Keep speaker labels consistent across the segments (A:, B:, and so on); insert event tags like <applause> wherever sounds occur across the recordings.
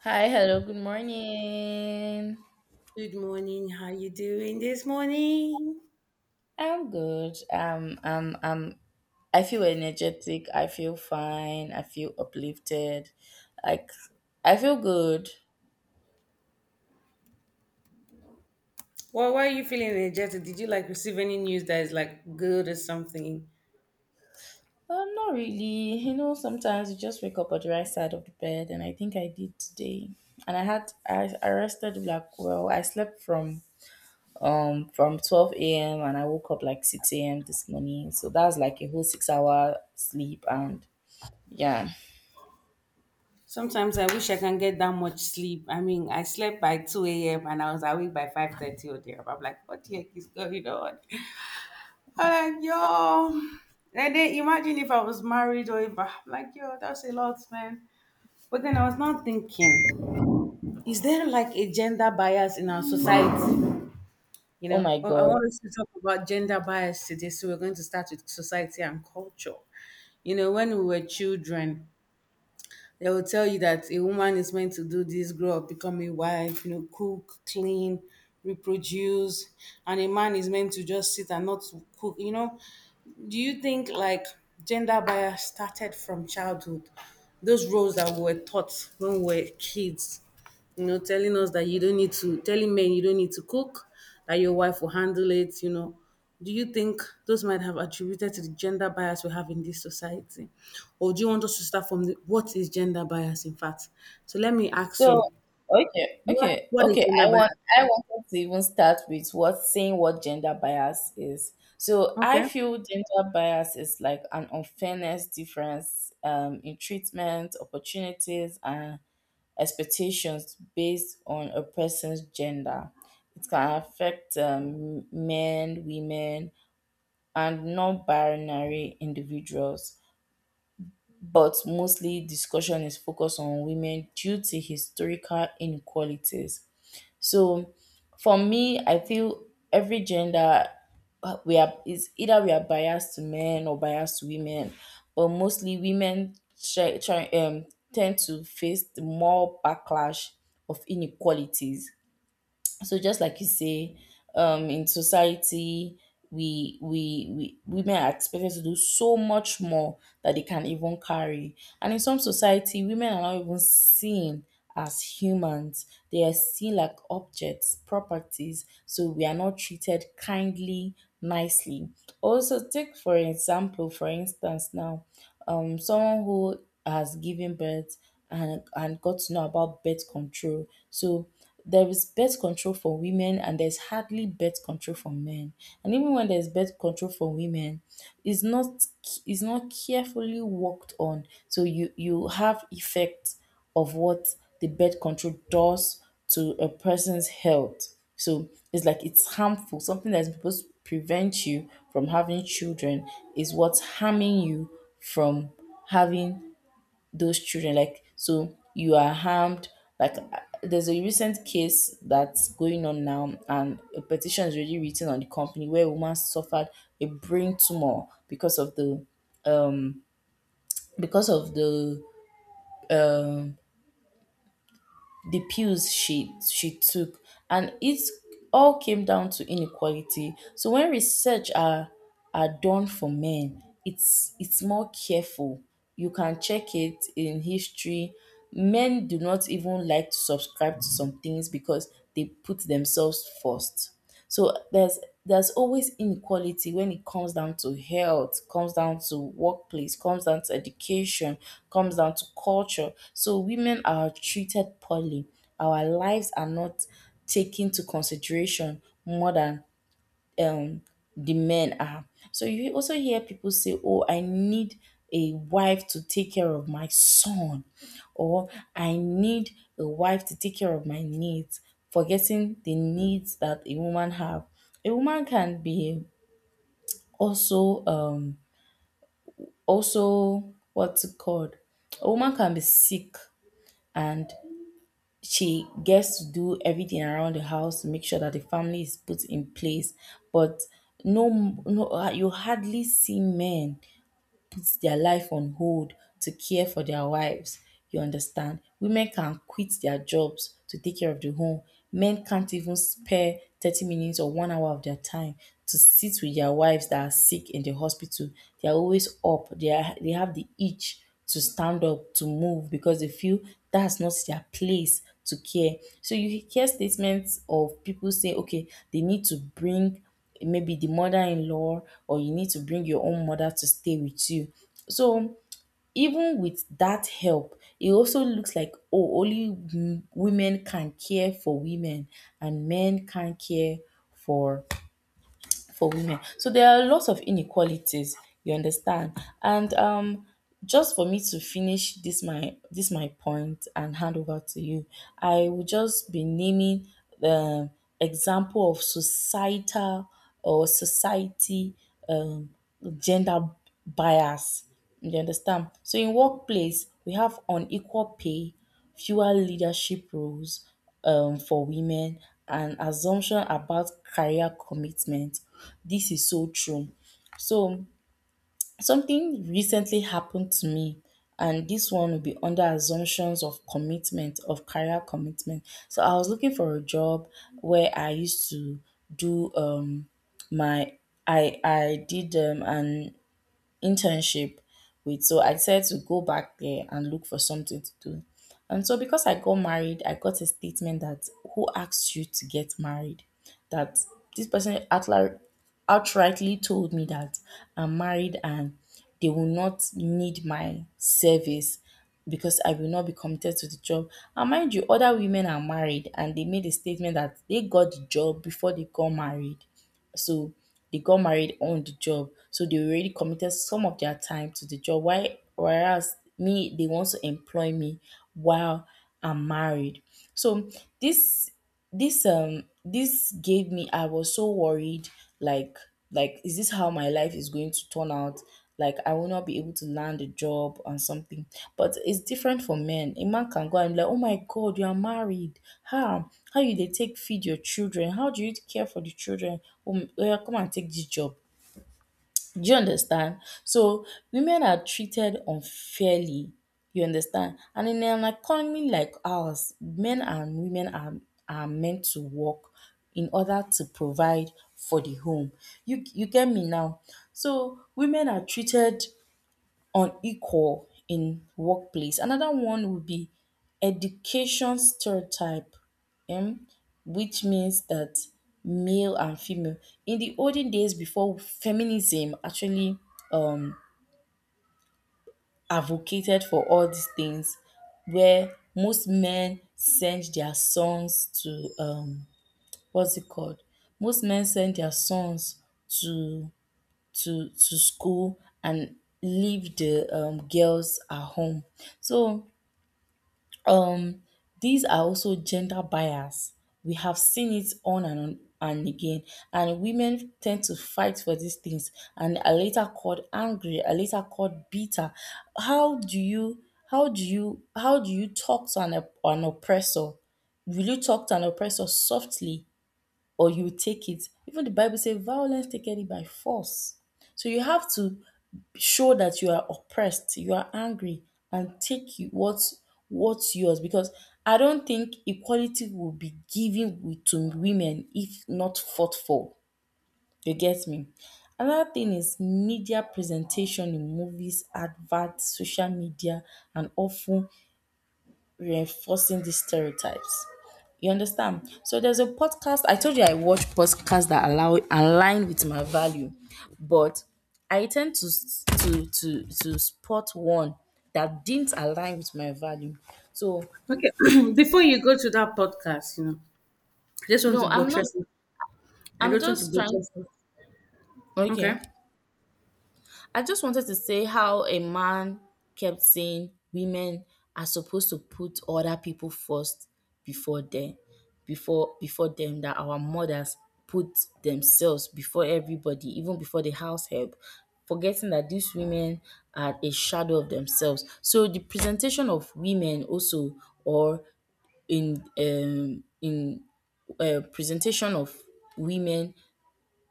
A: Hi, hello, good morning.
B: Good morning. How you doing this morning?
A: I'm good. I feel energetic. I feel fine. I feel uplifted. Like, I feel good.
B: Well, why are you feeling energetic? Did you like receive any news that is like good or something?
A: Not really. You know, sometimes you just wake up on the right side of the bed, and I think I did today. And I rested like well. I slept from 12 a.m. and I woke up like 6 a.m. this morning. So that's like a whole 6-hour sleep. And yeah,
B: Sometimes I wish I can get that much sleep. I mean, I slept by 2 a.m. and I was awake by 5:30 or there. I'm like, what the heck is going on? I'm like, yo. And then imagine if I was married or if I, I'm like, yo, that's a lot, man. But then I was not thinking, is there like a gender bias in our society? You
A: oh
B: know,
A: my
B: I
A: God.
B: want us to talk about gender bias today. So we're going to start with society and culture. You know, when we were children, they will tell you that a woman is meant to do this, grow up, become a wife, you know, cook, clean, reproduce, and a man is meant to just sit and not cook. You know, do you think like gender bias started from childhood? Those roles that we were taught when we were kids, you know, telling us that you don't need to, telling men you don't need to cook, that your wife will handle it, you know. Do you think those might have attributed to the gender bias we have in this society? Or do you want us to start from the, what is gender bias, in fact? So let me ask
A: So
B: you,
A: okay,
B: what,
A: okay,
B: what is
A: okay.
B: gender bias?
A: I wanted to even start with what gender bias is. So I
B: Okay.
A: feel gender bias is like an unfairness difference in treatment, opportunities, and expectations based on a person's gender. It can affect men, women, and non-binary individuals. But mostly discussion is focused on women due to historical inequalities. So for me, I feel every gender we are is either we are biased to men or biased to women, but mostly women try, try, um, tend to face the more backlash of inequalities. So just like you say, in society, we women are expected to do so much more that they can even carry. And in some society, women are not even seen as humans. They are seen like objects, properties, so we are not treated kindly, nicely. Also, take for example, for instance now, someone who has given birth and got to know about birth control. So there is birth control for women, and there's hardly birth control for men. And even when there's birth control for women, it's not it's not carefully worked on. So you have effects of what the birth control does to a person's health. So it's like it's harmful. Something that's supposed to prevent you from having children is what's harming you from having those children. Like, so you are harmed. Like, there's a recent case that's going on now, and a petition is already written on the company where a woman suffered a brain tumor because of the pills she took. And it all came down to inequality. So when research are done for men, it's more careful. You can check it in history. Men do not even like to subscribe to some things because they put themselves first. So there's always inequality when it comes down to health, comes down to workplace, comes down to education, comes down to culture. So women are treated poorly. Our lives are not taken to consideration more than um the men are. So you also hear people say, "Oh, I need a wife to take care of my son," or, "I need a wife to take care of my needs," forgetting the needs that a woman have. A woman can be also um also what's it called? A woman can be sick, and she gets to do everything around the house to make sure that the family is put in place. But no, no, you hardly see men puts their life on hold to care for their wives. You understand? Women can quit their jobs to take care of the home. Men can't even spare 30 minutes or 1 hour of their time to sit with their wives that are sick in the hospital. They are always up. They have the itch to stand up, to move because they feel that's not their place to care. So you hear statements of people say, okay, they need to bring maybe the mother-in-law, or you need to bring your own mother to stay with you. So even with that help, it also looks like, oh, only women can care for women and men can't care for for women. So there are lots of inequalities, you understand? And just for me to finish this my point and hand over to you, I will just be naming the example of societal or society um, gender bias. You understand? So in workplace, we have unequal pay, fewer leadership roles for women, and assumption about career commitment. This is so true. So something recently happened to me, and this one will be under assumptions of commitment of career commitment. So I was looking for a job where I used to do my I did an internship with. So I decided to go back there and look for something to do. And so because I got married, I got a statement that, who asked you to get married? That this person outrightly told me that I'm married and they will not need my service because I will not be committed to the job. And mind you, other women are married, and they made a statement that they got the job before they got married. So they got married on the job. So they already committed some of their time to the job. Why Whereas me, they want to employ me while I'm married. So this this gave me, I was so worried, like like, is this how my life is going to turn out? Like, I will not be able to land a job and something. But it's different for men. A man can go and be like, oh my God, you are married, how you they take feed your children, how do you care for the children? Oh, well, come and take this job. Do you understand? So women are treated unfairly. You understand? And in an economy like ours, men and women are meant to work in order to provide for the home. You get me now? So women are treated unequal in workplace. Another one would be education stereotype, um, which means that male and female. In the olden days, before feminism actually um, advocated for all these things, where most men send their sons to what's it called? Most men send their sons to to school and leave the girls at home. So these are also gender bias. We have seen it on and again, and women tend to fight for these things and are later called angry, are later called bitter. How do you how do you how do you talk to an oppressor? Will you talk to an oppressor softly, or you take it? Even the Bible says, violence taken it by force. So you have to show that you are oppressed, you are angry, and take you what's yours. Because I don't think equality will be given with, to women if not fought for. You get me? Another thing is media presentation in movies, adverts, social media, and often reinforcing these stereotypes. You understand? So there's a podcast. I told you I watch podcasts that allow align with my value, but I tend to to spot one that didn't align with my value. So
B: Okay, <clears throat> before you go to that podcast, you know, I just want
A: no,
B: to
A: I'm not.
B: buttress it. I
A: I'm
B: don't want to
A: just trying.
B: buttress it. Okay.
A: Okay. I just wanted to say how a man kept saying women are supposed to put other people first before them, before them, that our mothers put themselves before everybody, even before the house help, forgetting that these women are a shadow of themselves. So the presentation of women also, or in presentation of women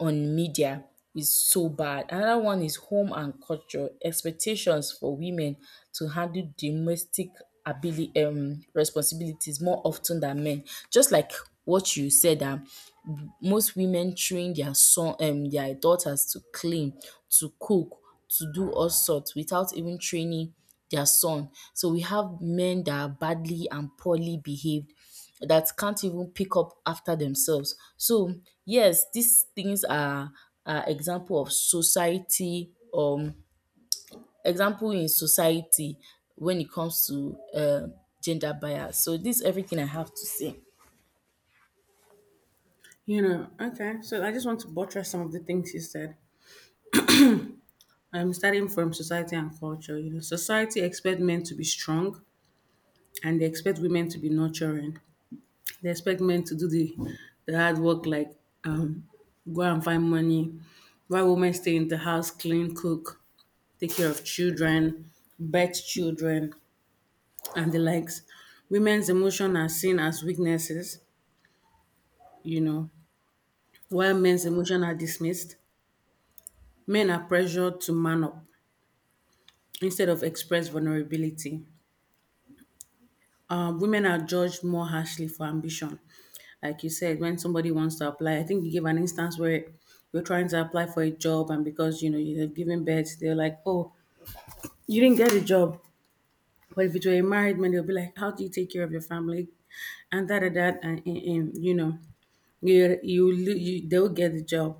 A: on media is so bad. Another one is home and culture expectations for women to handle domestic ability responsibilities more often than men. Just like what you said, most women train their son, their daughters to clean, to cook, to do all sorts without even training their son. So we have men that are badly and poorly behaved that can't even pick up after themselves. So yes, these things are example in society when it comes to gender bias. So this is everything I have to say.
B: You know, okay. So I just want to buttress some of the things you said. I'm starting from society and culture. You know, society expect men to be strong and they expect women to be nurturing. They expect men to do the hard work like um go and find money. While women stay in the house, clean, cook, take care of children, birth children and the likes. Women's emotion are seen as weaknesses, you know, while men's emotion are dismissed. Men are pressured to man up instead of express vulnerability. Women are judged more harshly for ambition. Like you said, when somebody wants to apply, I think you gave an instance where you're trying to apply for a job, and because you know you have given birth, they're like, "Oh, you didn't get a job." But if it were a married man, they'll be like, "How do you take care of your family?" And that, you know, you they'll get the job.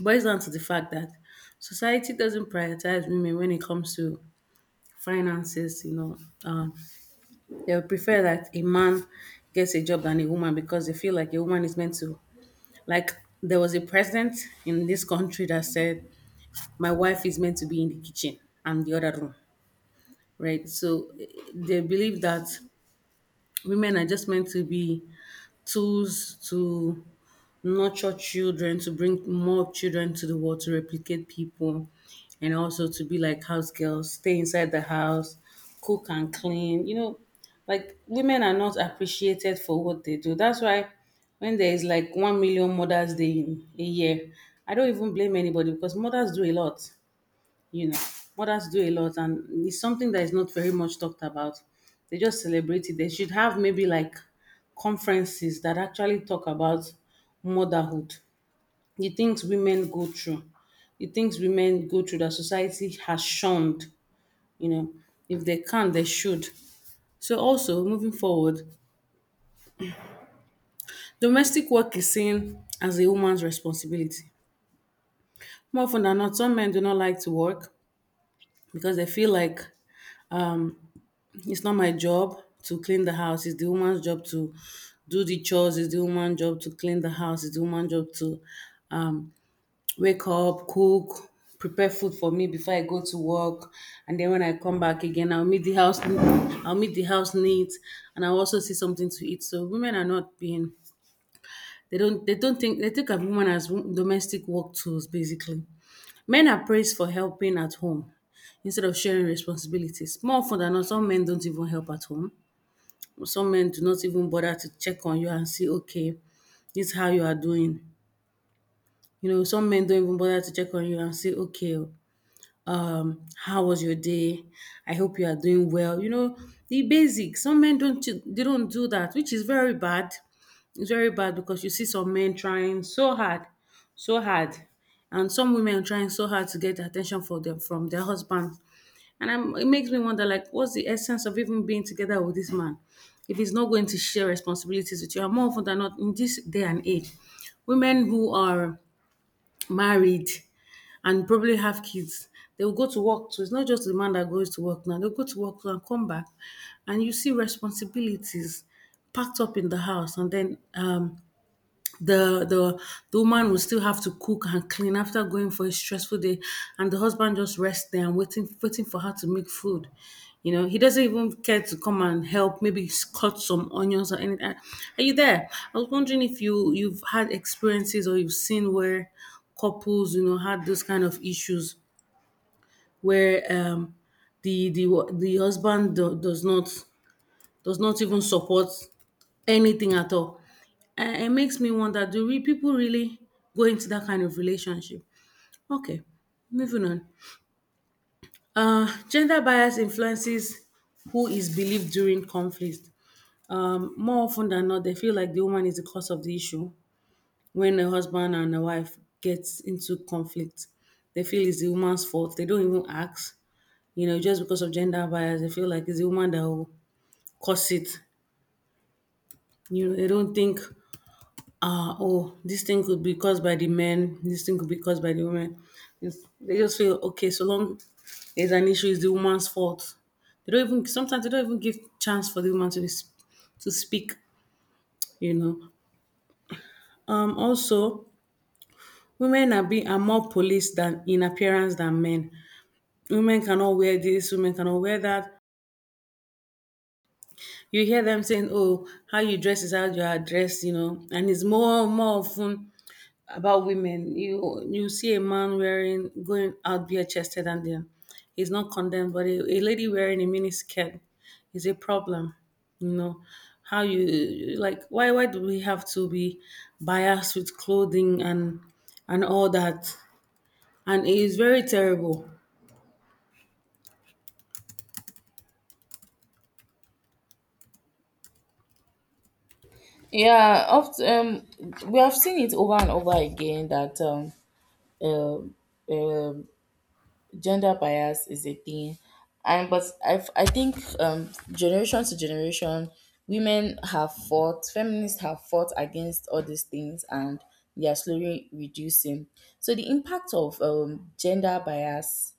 B: Boils down to the fact that society doesn't prioritize women when it comes to finances, uh, they would prefer that a man gets a job than a woman because they feel like a woman is meant to. Like, there was a president in this country that said, my wife is meant to be in the kitchen and the other room, right? So eh, they believe that women are just meant to be tools to nurture children, to bring more children to the world, to replicate people, and also to be like house girls, stay inside the house, cook and clean. You know, like women are not appreciated for what they do. That's why when there is like 1 million Mother's Day in a year, I don't even blame anybody because mothers do a lot, you know, mothers do a lot, and it's something that is not very much talked about. They just celebrate it. They should have maybe like conferences that actually talk about motherhood, the things women go through, the things women go through that society has shunned. You know, if they can, they should. So also moving forward, domestic work is seen as a woman's responsibility. More often than not, some men do not like to work because they feel like um. it's not my job to clean the house. It's the woman's job to do the chores. It's the woman's job to clean the house. It's the woman's job to um, wake up, cook, prepare food for me before I go to work. And then when I come back again, I'll meet the house. I'll meet the house neat, and I'll also see something to eat. So women are not being. They don't. They don't think. They think of women as wo- domestic work tools, basically. Men are praised for helping at home instead of sharing responsibilities. More often than not, some men don't even help at home. Some men do not even bother to check on you and see, okay, this is how you are doing. You know, some men don't even bother to check on you and say, okay, how was your day? I hope you are doing well. You know, the basics. Some men don't do- they don't do that, which is very bad. It's very bad because you see some men trying so hard, and some women trying so hard to get attention for them from their husband. It makes me wonder, like, what's the essence of even being together with this man if he's not going to share responsibilities with you? And more often than not, in this day and age, women who are married and probably have kids, they will go to work too. It's not just the man that goes to work now. They'll go to work too and come back, and you see responsibilities packed up in the house, and then the the the woman will still have to cook and clean after going for a stressful day, and the husband just rests there and waiting for her to make food. You know, he doesn't even care to come and help, maybe cut some onions or anything. Are you there? I was wondering if you've had experiences or you've seen where couples, you know, had those kind of issues where the does not even support anything at all, and it makes me wonder, do people really go into that kind of relationship? Okay, moving on. Gender bias influences who is believed during conflict. More often than not, they feel like the woman is the cause of the issue. When a husband and a wife gets into conflict, they feel it's the woman's fault. They don't even ask, you know, just because of gender bias, they feel like it's the woman that will cause it. You know, they don't think oh, this thing could be caused by the men, this thing could be caused by the women. It's, they just feel okay, so long there's an issue, it's the woman's fault. They don't even sometimes they don't even give chance for the woman to be, to speak, you know. Also, women are being are more policed than in appearance than men. Women cannot wear this, women cannot wear that. You hear them saying, "Oh, how you dress is how you are dressed," you know, and it's more often about women. You see a man wearing going out bare chested and then he's not condemned, but a lady wearing a mini skirt is a problem. You know how you like why do we have to be biased with clothing and all that? And it is very terrible.
A: Yeah, oft we have seen it over and over again that um um gender bias is a thing, and but I think generation to generation, women have fought, feminists have fought against all these things, and they are slowly reducing. So the impact of gender bias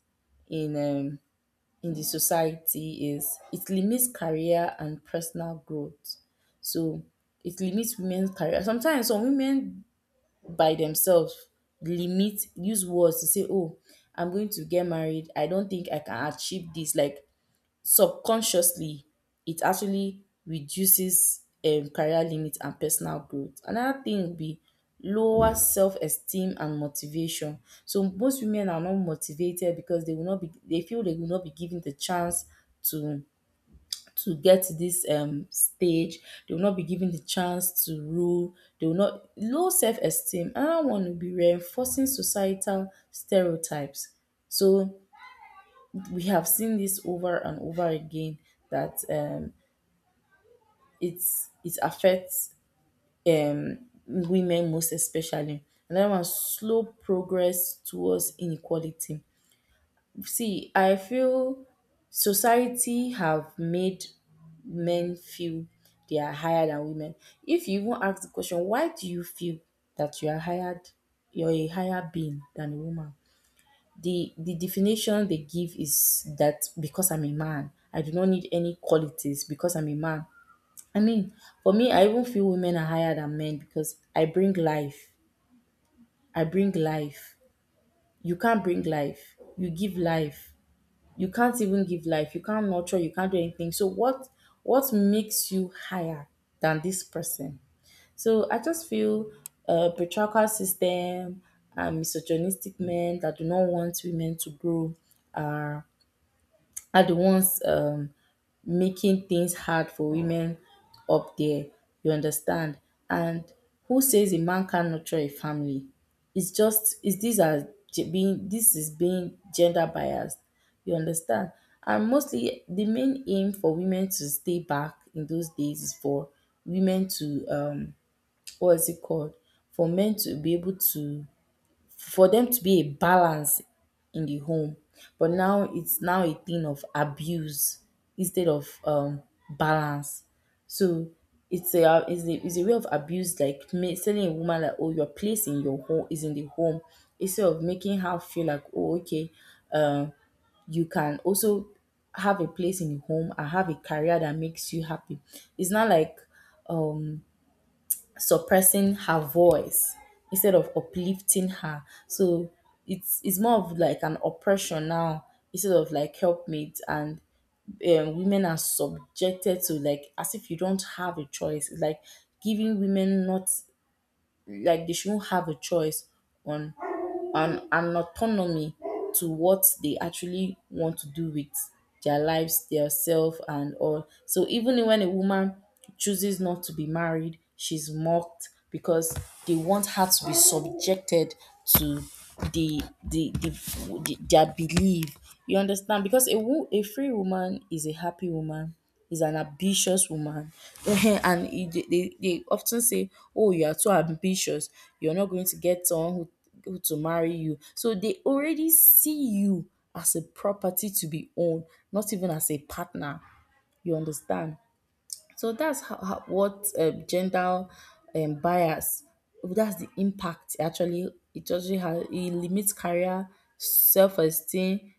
A: in um, in the society is it limits career and personal growth. So it limits women's career. Sometimes some women by themselves limit use words to say, oh, I'm going to get married. I don't think I can achieve this. Like, subconsciously it actually reduces career limit and personal growth. Another thing would be lower self esteem and motivation. So most women are not motivated because they feel they will not be given the chance to to get to this stage. They will not be given the chance to rule. They will not low self esteem. Another one will be reinforcing societal stereotypes. So we have seen this over and over again that it affects women most especially. Another one, slow progress towards inequality. See, I feel society have made men feel they are higher than women. If you even ask the question, why do you feel that you are higher, you're a higher being than a woman? The definition they give is that because I'm a man, I do not need any qualities because I'm a man. I mean, for me, I even feel women are higher than men because I bring life. I bring life. You can't bring life. You give life. You can't even give life. You can't nurture. You can't do anything. So what makes you higher than this person? So I just feel patriarchal system and misogynistic men that do not want women to grow are are the ones making things hard for women up there. You understand? And who says a man can't nurture a family? It's just is these are ge- being this is being gender biased. You understand? And mostly the main aim for women to stay back in those days is for women to what is it called? For men to be able to for them to be a balance in the home. But now it's now a thing of abuse instead of balance. So it's a way of abuse, like telling a woman that, oh, your place in your home is in the home, instead of making her feel like, oh, okay, um you can also have a place in the home and have a career that makes you happy. It's not like suppressing her voice instead of uplifting her. So it's more of like an oppression now instead of like helpmate, and women are subjected to, like, as if you don't have a choice. It's like giving women not like they shouldn't have a choice on and autonomy to what they actually want to do with their lives, their self, and all. So even when a woman chooses not to be married, she's mocked because they want her to be subjected to the the, the, the their belief. You understand? Because a free woman is a happy woman, is an ambitious woman, <laughs> and they often say, "Oh, you are too ambitious. You're not going to get someone who go to marry you." So they already see you as a property to be owned, not even as a partner. You understand? So that's how what gender bias. That's the impact. Actually, it actually it limits career, self esteem,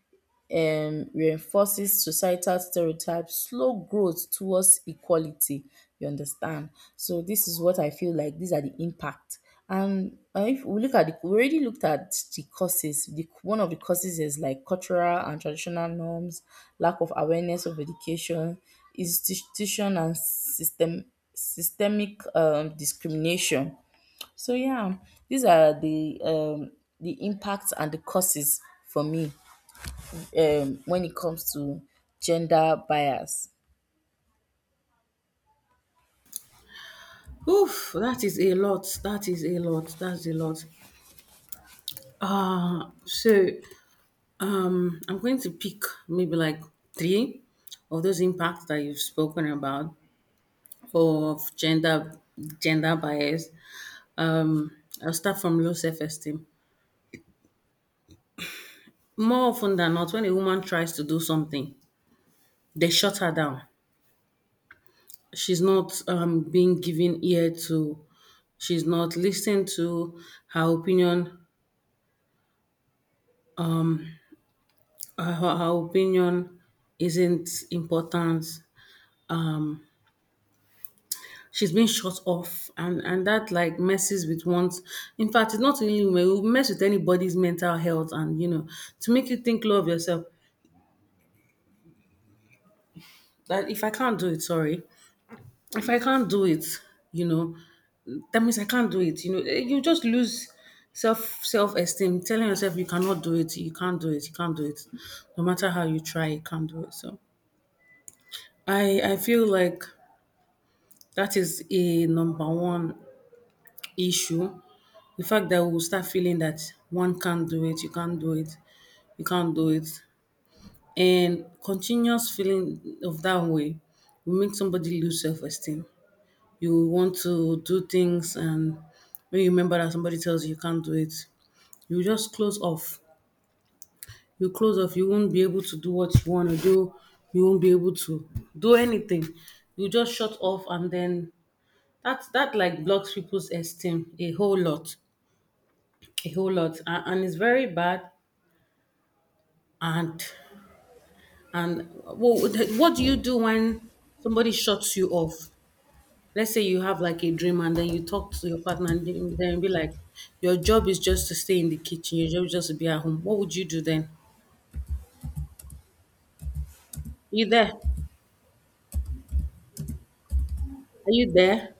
A: reinforces societal stereotypes, slow growth towards equality. You understand? So this is what I feel like, these are the impact. And if we look at we already looked at the causes. The one of the causes is like cultural and traditional norms, lack of awareness of education, institution and systemic discrimination. So yeah, these are the impacts and the causes for me when it comes to gender bias.
B: Oof, that is a lot. That is a lot. That's a lot. So I'm going to pick maybe like three of those impacts that you've spoken about for of gender bias. Um, I'll start from low self-esteem. More often than not, when a woman tries to do something, they shut her down. She's not being given ear to. She's not listened to. Her opinion, her opinion isn't important. She's been shut off, and that like messes with one's. In fact, it's not only women. It will mess with anybody's mental health, and you know, to make you think low of yourself. That if I can't do it, sorry, if I can't do it, you know, that means I can't do it. You know, eh, you just lose self esteem, telling yourself you cannot do it, you can't do it, you can't do it. No matter how you try, you can't do it. So I feel like that is a number one issue. The fact that we'll start feeling that one can't do it, you can't do it, you can't do it. And continuous feeling of that way will make somebody lose self esteem. You want to do things, and when you remember that somebody tells you you can't do it, you just close off. You close off, you won't be able to do what you want to do. You won't be able to do anything. You just shut off, and then that like blocks people's esteem a whole lot. A whole lot. And it's very bad, and and well, what do you do when somebody shuts you off? Let's say you have like a dream and then you talk to your partner and then be like, your job is just to stay in the kitchen, your job is just to be at home. What would you do then? You there? Are you there?